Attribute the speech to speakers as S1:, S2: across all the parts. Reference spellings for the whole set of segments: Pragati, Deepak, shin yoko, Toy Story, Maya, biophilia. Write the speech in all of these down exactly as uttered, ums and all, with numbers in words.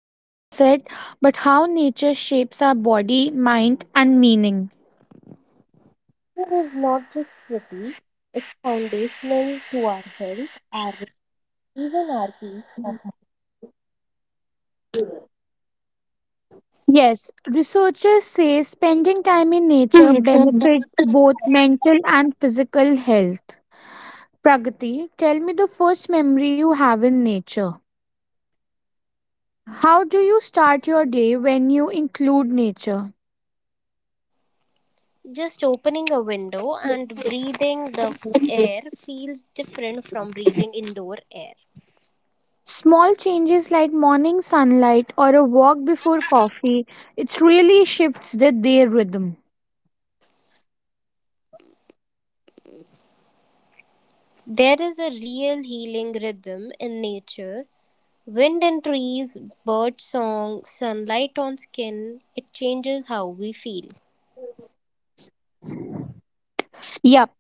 S1: and sunset, but how nature shapes our body, mind, and meaning.
S2: Water is not just pretty, it's foundational to our health, our even our peace of
S1: Yes, researchers say spending time in nature
S2: mind.
S1: benefits both mental and physical health. Pragati, tell me the first memory you have in nature. How do you start your day when you include nature?
S2: Just opening a window and breathing the air feels different from breathing indoor air.
S1: Small changes like morning sunlight or a walk before coffee, it really shifts the, their rhythm.
S2: There is a real healing rhythm in nature. Wind and trees, bird song, sunlight on skin, it changes how we feel.
S1: Yep,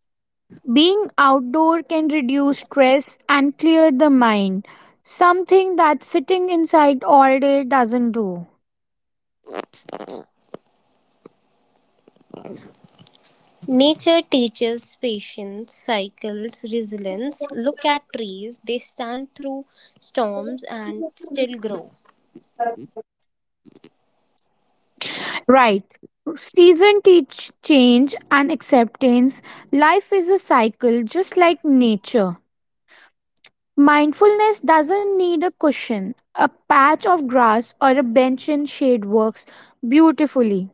S1: being outdoor can reduce stress and clear the mind, something that sitting inside all day doesn't do.
S2: Nature teaches patience, cycles, resilience. Look at trees, they stand through storms and still grow.
S1: Right. Season teach change and acceptance. Life is a cycle just like nature. Mindfulness doesn't need a cushion. A patch of grass or a bench in shade works beautifully.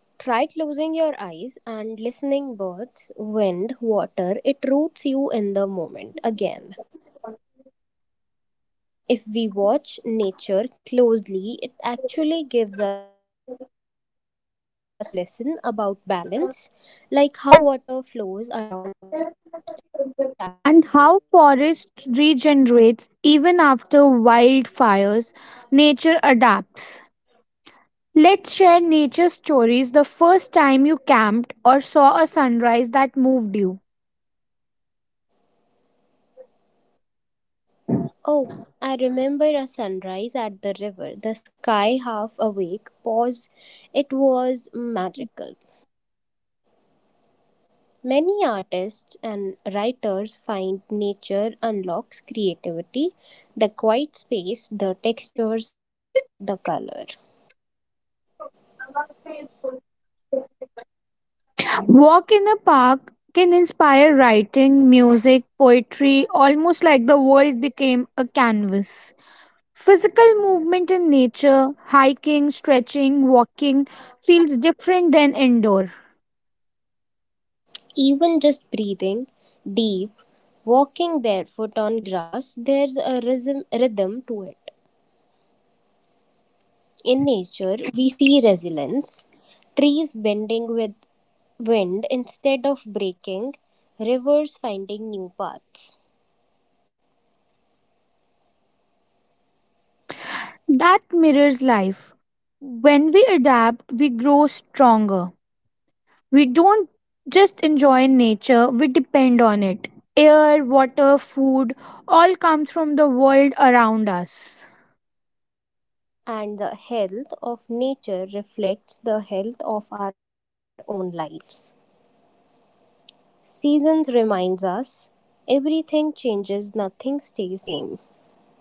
S2: Try closing your eyes and listening birds, wind, water. It roots you in the moment again. If we watch nature closely, it actually gives us lesson about balance, like how water flows around obstacles.
S1: And how forest regenerates even after wildfires, nature adapts. Let's share nature stories, the first time you camped or saw a sunrise that moved you.
S2: Oh, I remember a sunrise at the river, the sky half awake, pause. It was magical. Many artists and writers find nature unlocks creativity, the quiet space, the textures, the color.
S1: Walk in a park can inspire writing, music, poetry, almost like the world became a canvas. Physical movement in nature, hiking, stretching, walking, feels different than indoor.
S2: Even just breathing deep, walking barefoot on grass, there's a rhythm, rhythm to it. In nature, we see resilience, trees bending with wind instead of breaking, rivers finding new paths.
S1: That mirrors life. When we adapt, we grow stronger. We don't just enjoy nature, we depend on it. Air, water, food all comes from the world around us.
S2: And the health of nature reflects the health of our own lives. Seasons reminds us everything changes, nothing stays same.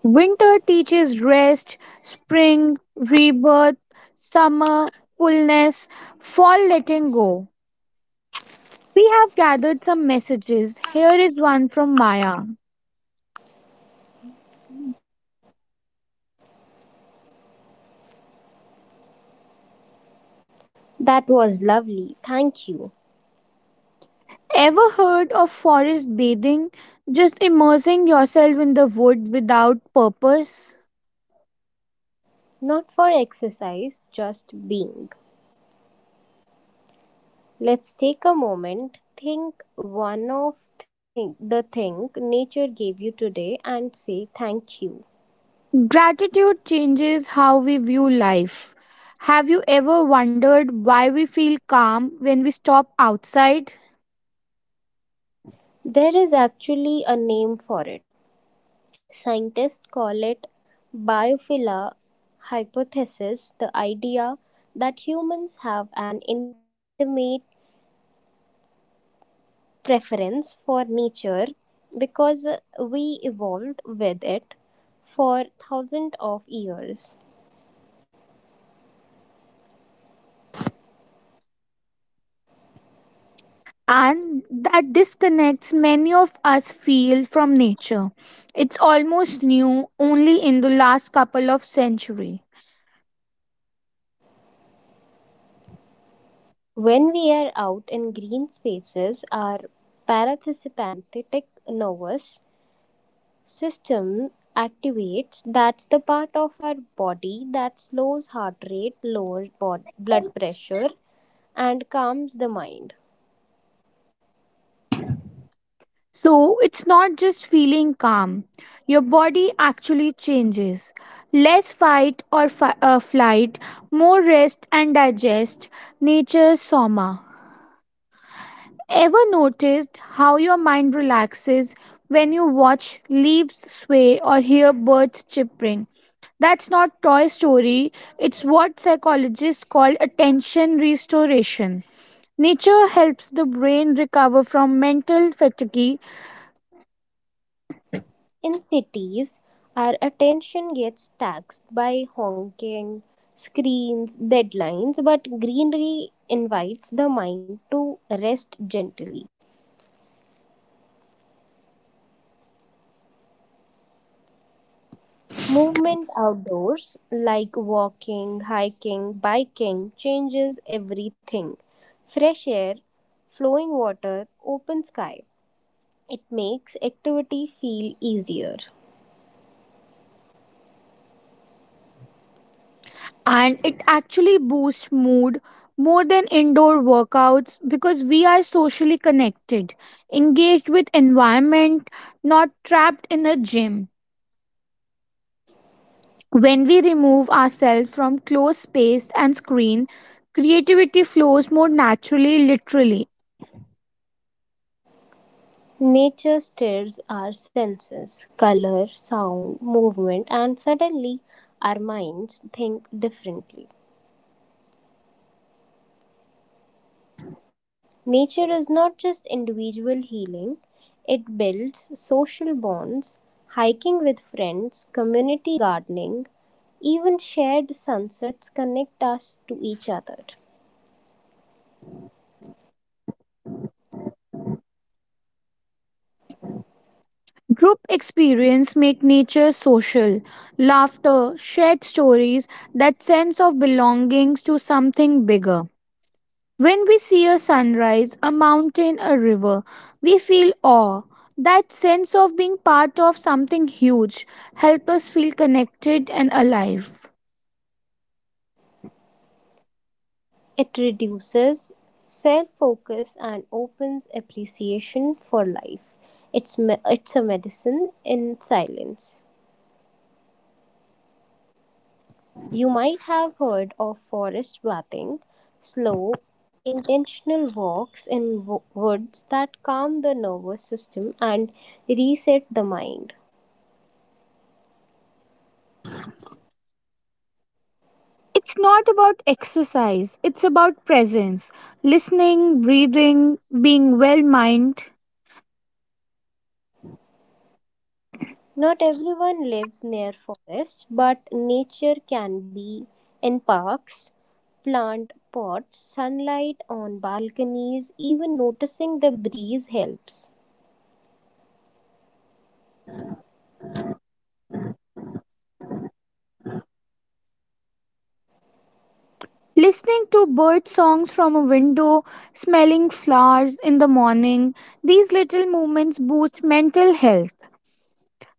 S1: Winter teaches rest, spring, rebirth, summer, fullness, fall, letting go. We have gathered some messages. Here is one from Maya.
S2: That was lovely. Thank you.
S1: Ever heard of forest bathing? Just immersing yourself in the wood without purpose?
S2: Not for exercise, just being. Let's take a moment, think one of thing, the thing nature gave you today and say thank you.
S1: Gratitude changes how we view life. Have you ever wondered why we feel calm when we stop outside?
S2: There is actually a name for it. Scientists call it biophila hypothesis, the idea that humans have an intimate preference for nature because we evolved with it for thousands of years.
S1: And that disconnects many of us feel from nature. It's almost new only in the last couple of centuries.
S2: When we are out in green spaces, our parasympathetic nervous system activates. That's the part of our body that slows heart rate, lowers bod- blood pressure, and calms the mind.
S1: So it's not just feeling calm. Your body actually changes. Less fight or fi- uh, flight, more rest and digest. Nature's soma. Ever noticed how your mind relaxes when you watch leaves sway or hear birds chirping? That's not Toy Story. It's what psychologists call attention restoration. Nature helps the brain recover from mental fatigue,
S2: In cities, our attention gets taxed by honking, screens, deadlines, but greenery invites the mind to rest gently. Movement outdoors, like walking, hiking, biking, changes everything. Fresh air, flowing water, open sky. It makes activity feel easier.
S1: and it actually boosts mood more than indoor workouts because we are socially connected, engaged with environment, not trapped in a gym. When we remove ourselves from closed space and screen, creativity flows more naturally, literally.
S2: Nature stirs our senses, color, sound, movement, and suddenly our minds think differently. Nature is not just individual healing, it builds social bonds, hiking with friends, community gardening, even shared sunsets connect us to each other.
S1: Group experience make nature social, laughter, shared stories, that sense of belonging to something bigger. When we see a sunrise, a mountain, a river, we feel awe. That sense of being part of something huge helps us feel connected and alive.
S2: It reduces self focus and opens appreciation for life. It's, me- it's a medicine in silence. You might have heard of forest bathing, slow, intentional walks in wo- woods that calm the nervous system and reset the mind.
S1: It's not about exercise, it's about presence. Listening, breathing, being well minded.
S2: Not everyone lives near forests, but nature can be in parks, plant pots, sunlight on balconies, even noticing the breeze helps.
S1: Listening to bird songs from a window, smelling flowers in the morning, these little moments boost mental health.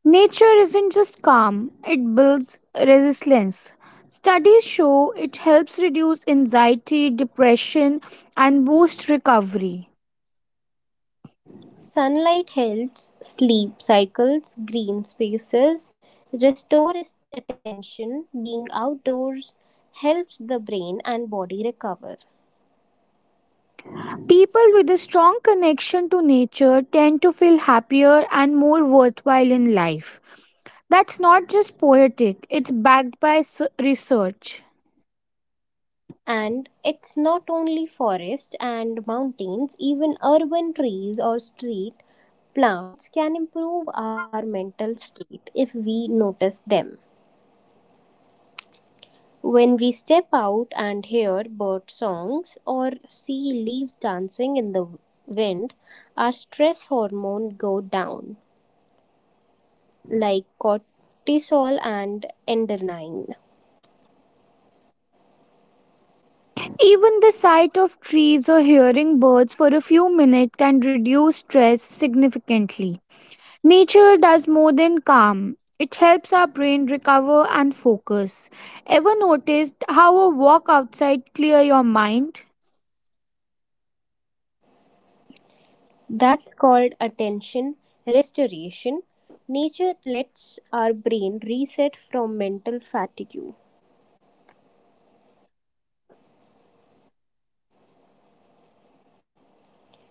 S1: Nature isn't just calm, it builds resilience. Studies show it helps reduce anxiety, depression, and boost recovery.
S2: Sunlight helps sleep cycles, green spaces, restore attention, being outdoors helps the brain and body recover.
S1: People with a strong connection to nature tend to feel happier and more worthwhile in life. That's not just poetic, it's backed by s- research.
S2: And it's not only forests and mountains, even urban trees or street plants can improve our mental state if we notice them. When we step out and hear bird songs or see leaves dancing in the wind, our stress hormone go down, like cortisol and adrenaline.
S1: Even the sight of trees or hearing birds for a few minutes can reduce stress significantly. Nature does more than calm. It helps our brain recover and focus. Ever noticed how a walk outside clear your mind?
S2: That's called attention restoration. Nature lets our brain reset from mental fatigue.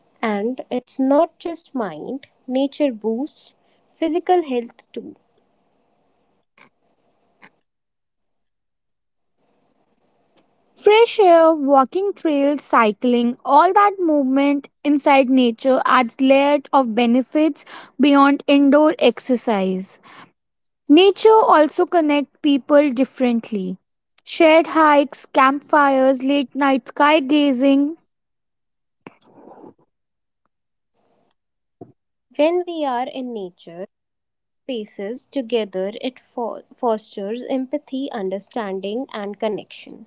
S2: And it's not just mind, nature boosts physical health too.
S1: Fresh air, walking trails, cycling, all that movement inside nature adds layered of benefits beyond indoor exercise. Nature also connect people differently. Shared hikes, campfires, late night sky gazing,
S2: When we are in nature, spaces together, it fo- fosters empathy, understanding, and connection.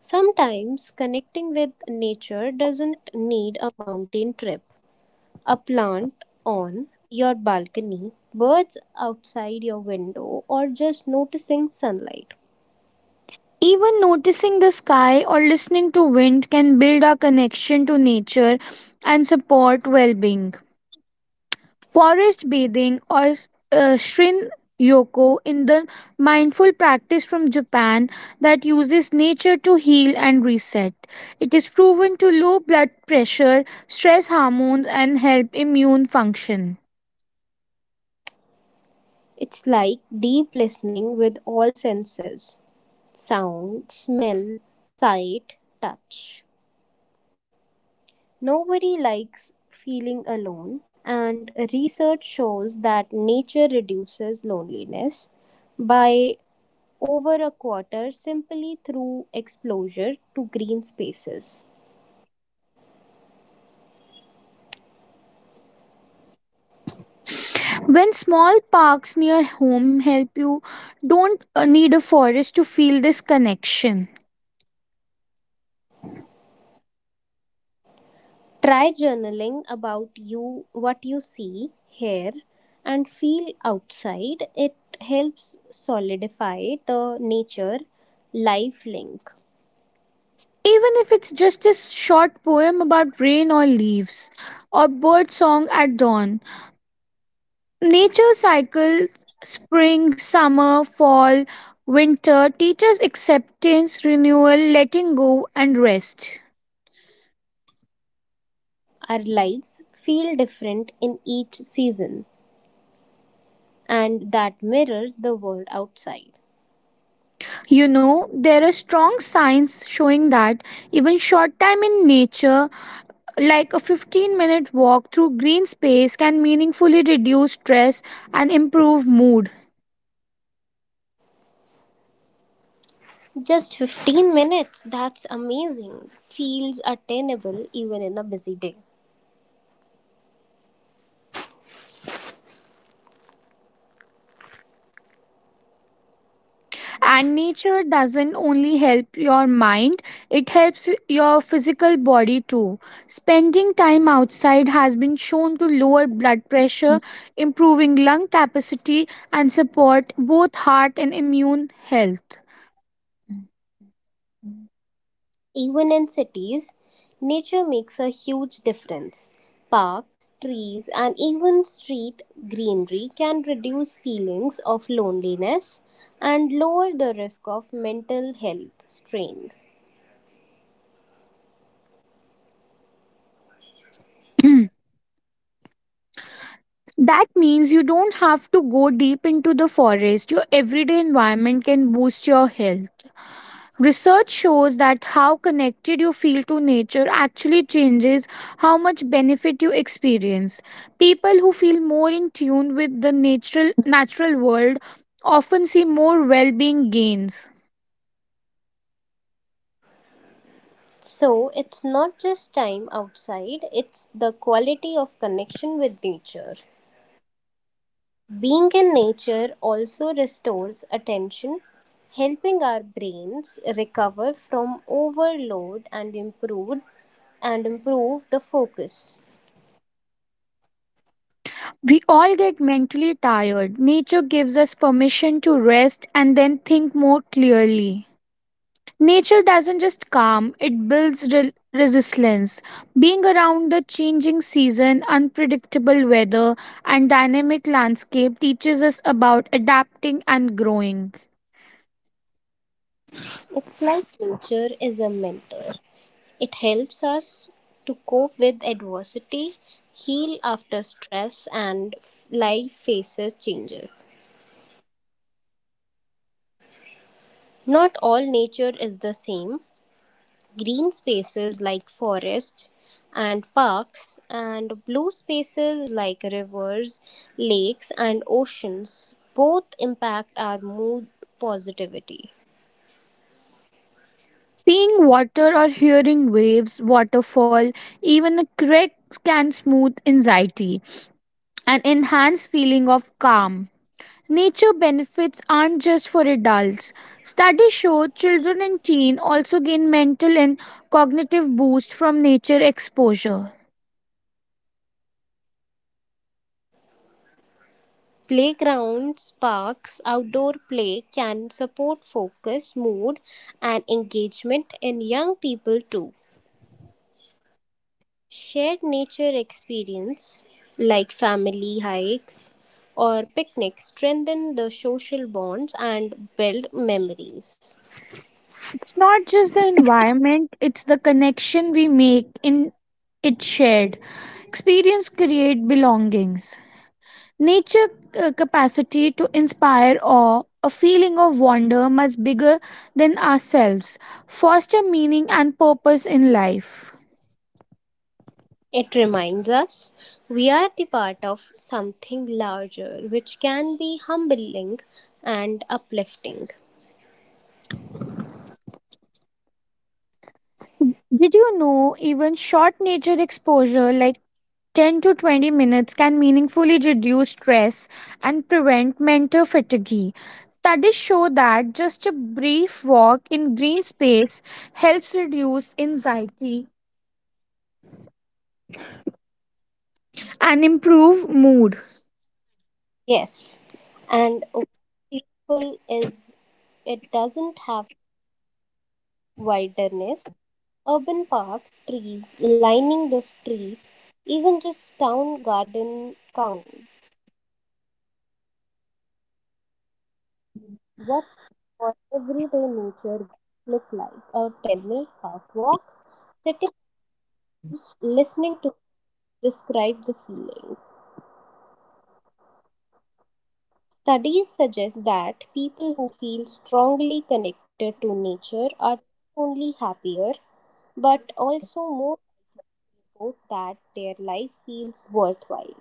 S2: Sometimes connecting with nature doesn't need a mountain trip, a plant on your balcony, birds outside your window, or just noticing sunlight.
S1: even noticing the sky or listening to wind can build our connection to nature and support well-being. Forest bathing, or uh, shin yoko, in the mindful practice from Japan that uses nature to heal and reset. It is proven to low blood pressure, stress hormones and help immune function.
S2: It's like deep listening with all senses sound, smell, sight, touch. Nobody likes feeling alone, and research shows that nature reduces loneliness by over a quarter simply through exposure to green spaces.
S1: When small parks near home help you, don't uh, need a forest to feel this connection. Even
S2: Try journaling about you, what you see, hear, and feel outside. It helps solidify the nature life link.
S1: if it's just a short poem about rain or leaves, or bird song at dawn, nature cycles spring, summer, fall, winter teaches acceptance, renewal, letting go, and rest.
S2: Our lives feel different in each season, and that mirrors the world outside.
S1: You know, there are strong signs showing that even short time in nature, like a fifteen minute walk through green space, can meaningfully reduce stress and improve mood.
S2: Just fifteen minutes, that's amazing. Feels attainable even in a busy day.
S1: And nature doesn't only help your mind, it helps your physical body too. Spending time outside has been shown to lower blood pressure, improving lung capacity, and support both heart and immune health.
S2: Even in cities, nature makes a huge difference. Parks, trees, and even street greenery can reduce feelings of loneliness and lower the risk of mental health strain.
S1: That means you don't have to go deep into the forest. Your everyday environment can boost your health. Research shows that how connected you feel to nature actually changes how much benefit you experience. People who feel more in tune with the natural natural world often see more well-being gains.
S2: So, it's not just time outside, it's the quality of connection with nature. Being in nature also restores attention, helping our brains recover from overload and improve and improve the focus.
S1: We all get mentally tired. Nature gives us permission to rest and then think more clearly. Nature doesn't just calm, it builds re- resilience. Being around the changing season, unpredictable weather, and dynamic landscape teaches us about adapting and growing.
S2: It's like nature is a mentor. It helps us to cope with adversity, heal after stress and f- life faces changes. Not all nature is the same. Green spaces like forests and parks, and blue spaces like rivers, lakes, and oceans. Both impact our mood positivity.
S1: Seeing water or hearing waves, waterfall, even a creek can smooth anxiety and enhance feeling of calm. Nature benefits aren't just for adults. Studies show children and teens also gain mental and cognitive boost from nature exposure.
S2: Playgrounds, parks, outdoor play can support focus, mood, and engagement in young people too. Shared nature experience like family hikes or picnics strengthen the social bonds and build memories.
S1: It's not just the environment, it's the connection we make in it shared. Experience create belongings. Nature uh, capacity to inspire awe, a feeling of wonder much bigger than ourselves, foster meaning and purpose in life.
S2: It reminds us we are the part of something larger, which can be humbling and uplifting.
S1: Did you know even short nature exposure like ten to twenty minutes can meaningfully reduce stress and prevent mental fatigue. Studies show that just a brief walk in green space helps reduce anxiety and improve mood.
S2: Yes, and what's beautiful is it doesn't have wilderness, urban parks, trees lining the street, even just town garden count. What's what everyday nature look like? A ten minute park walk, sitting, listening to describe the feeling. Studies suggest that people who feel strongly connected to nature are not only happier but also more about that their life feels worthwhile.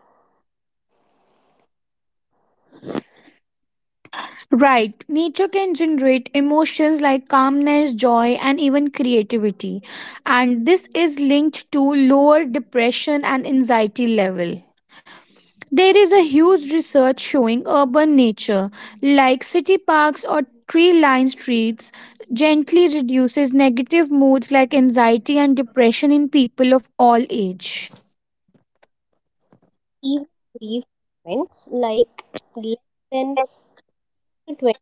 S1: Right, nature can generate emotions like calmness, joy, and even creativity, and this is linked to lower depression and anxiety level. There is a huge research showing urban nature, like city parks or tree lined streets, gently reduces negative moods like anxiety and depression in people of all age.
S2: Even brief moments like less than twenty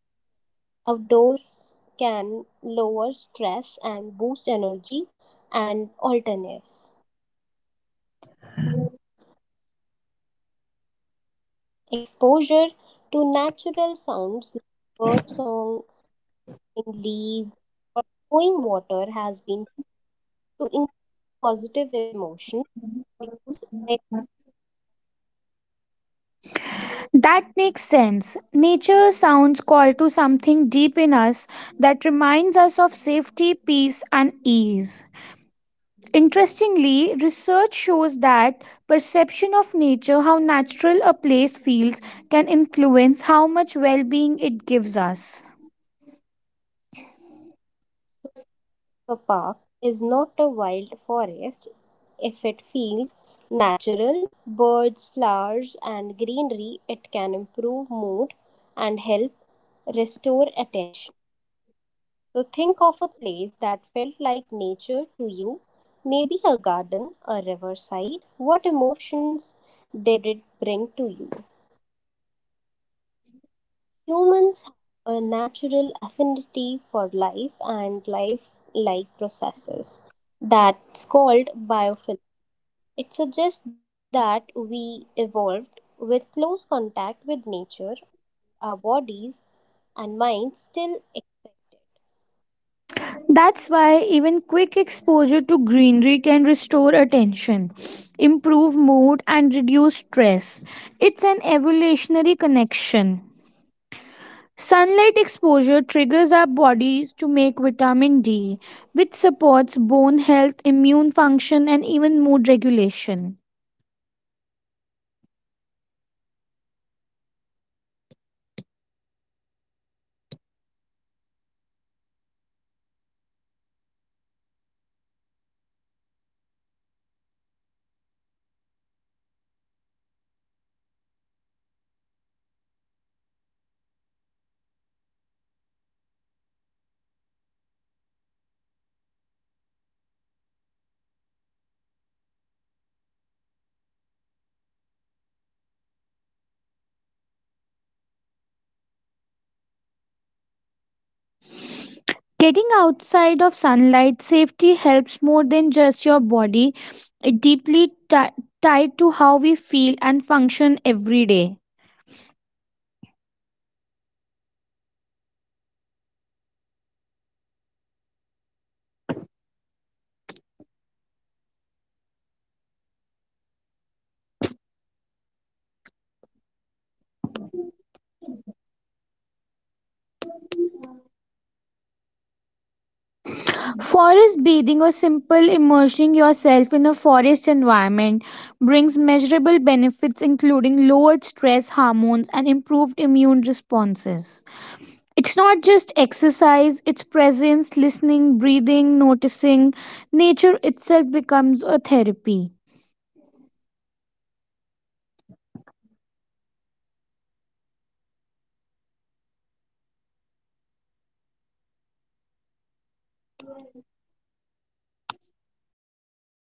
S2: outdoors can lower stress and boost energy and alertness. Exposure to natural sounds like bird song, leaves, or flowing water has been to increase positive emotion, reduce like
S1: That makes sense. Nature sounds call to something deep in us that reminds us of safety, peace, and ease. Interestingly, research shows that perception of nature, how natural a place feels, can influence how much well being it gives us.
S2: a park is not a wild forest if it feels natural. Birds, flowers, and greenery, it can improve mood and help restore attention. So think of a place that felt like nature to you, maybe a garden, a riverside. What emotions did it bring to you? Humans have a natural affinity for life and life like processes. That's called biophilia. It suggests that we evolved with close contact with nature, our bodies and minds still expect it.
S1: That's why even quick exposure to greenery can restore attention, improve mood, and reduce stress. It's an evolutionary connection. Sunlight exposure triggers our bodies to make vitamin D, which supports bone health, immune function, and even mood regulation.
S2: When you think about your life without nature, how does that make you feel? Now imagine adding one thing a daily walk, a garden plant, what changes in your feeling? Sunlight exposure triggers our
S1: Getting
S2: bodies
S1: outside of
S2: to make
S1: sunlight
S2: vitamin
S1: safety
S2: D,
S1: helps more
S2: which
S1: than just your
S2: supports bone
S1: body.
S2: health,
S1: It
S2: immune
S1: deeply ti
S2: functions, and
S1: tied to
S2: even
S1: how we
S2: mood
S1: feel and function every day.
S2: regulations. Getting outside for sunlight, it helps more than just bod- your body, it's deeply tied to how we feel and function every day. Forest bathing,
S1: Forest
S2: or
S1: bathing or
S2: simply
S1: simple
S2: immersing
S1: immersing yourself
S2: yourself
S1: in a
S2: in a
S1: forest environment
S2: forest
S1: brings
S2: environment. It
S1: measurable
S2: brings
S1: benefits including
S2: measurable
S1: lowered
S2: benefits,
S1: stress hormones
S2: including
S1: and improved
S2: lowered
S1: immune
S2: stress
S1: responses.
S2: hormones
S1: It's not
S2: and
S1: just
S2: improved
S1: exercise,
S2: immune
S1: it's presence,
S2: responses.
S1: listening, breathing, noticing. Nature itself becomes a therapy.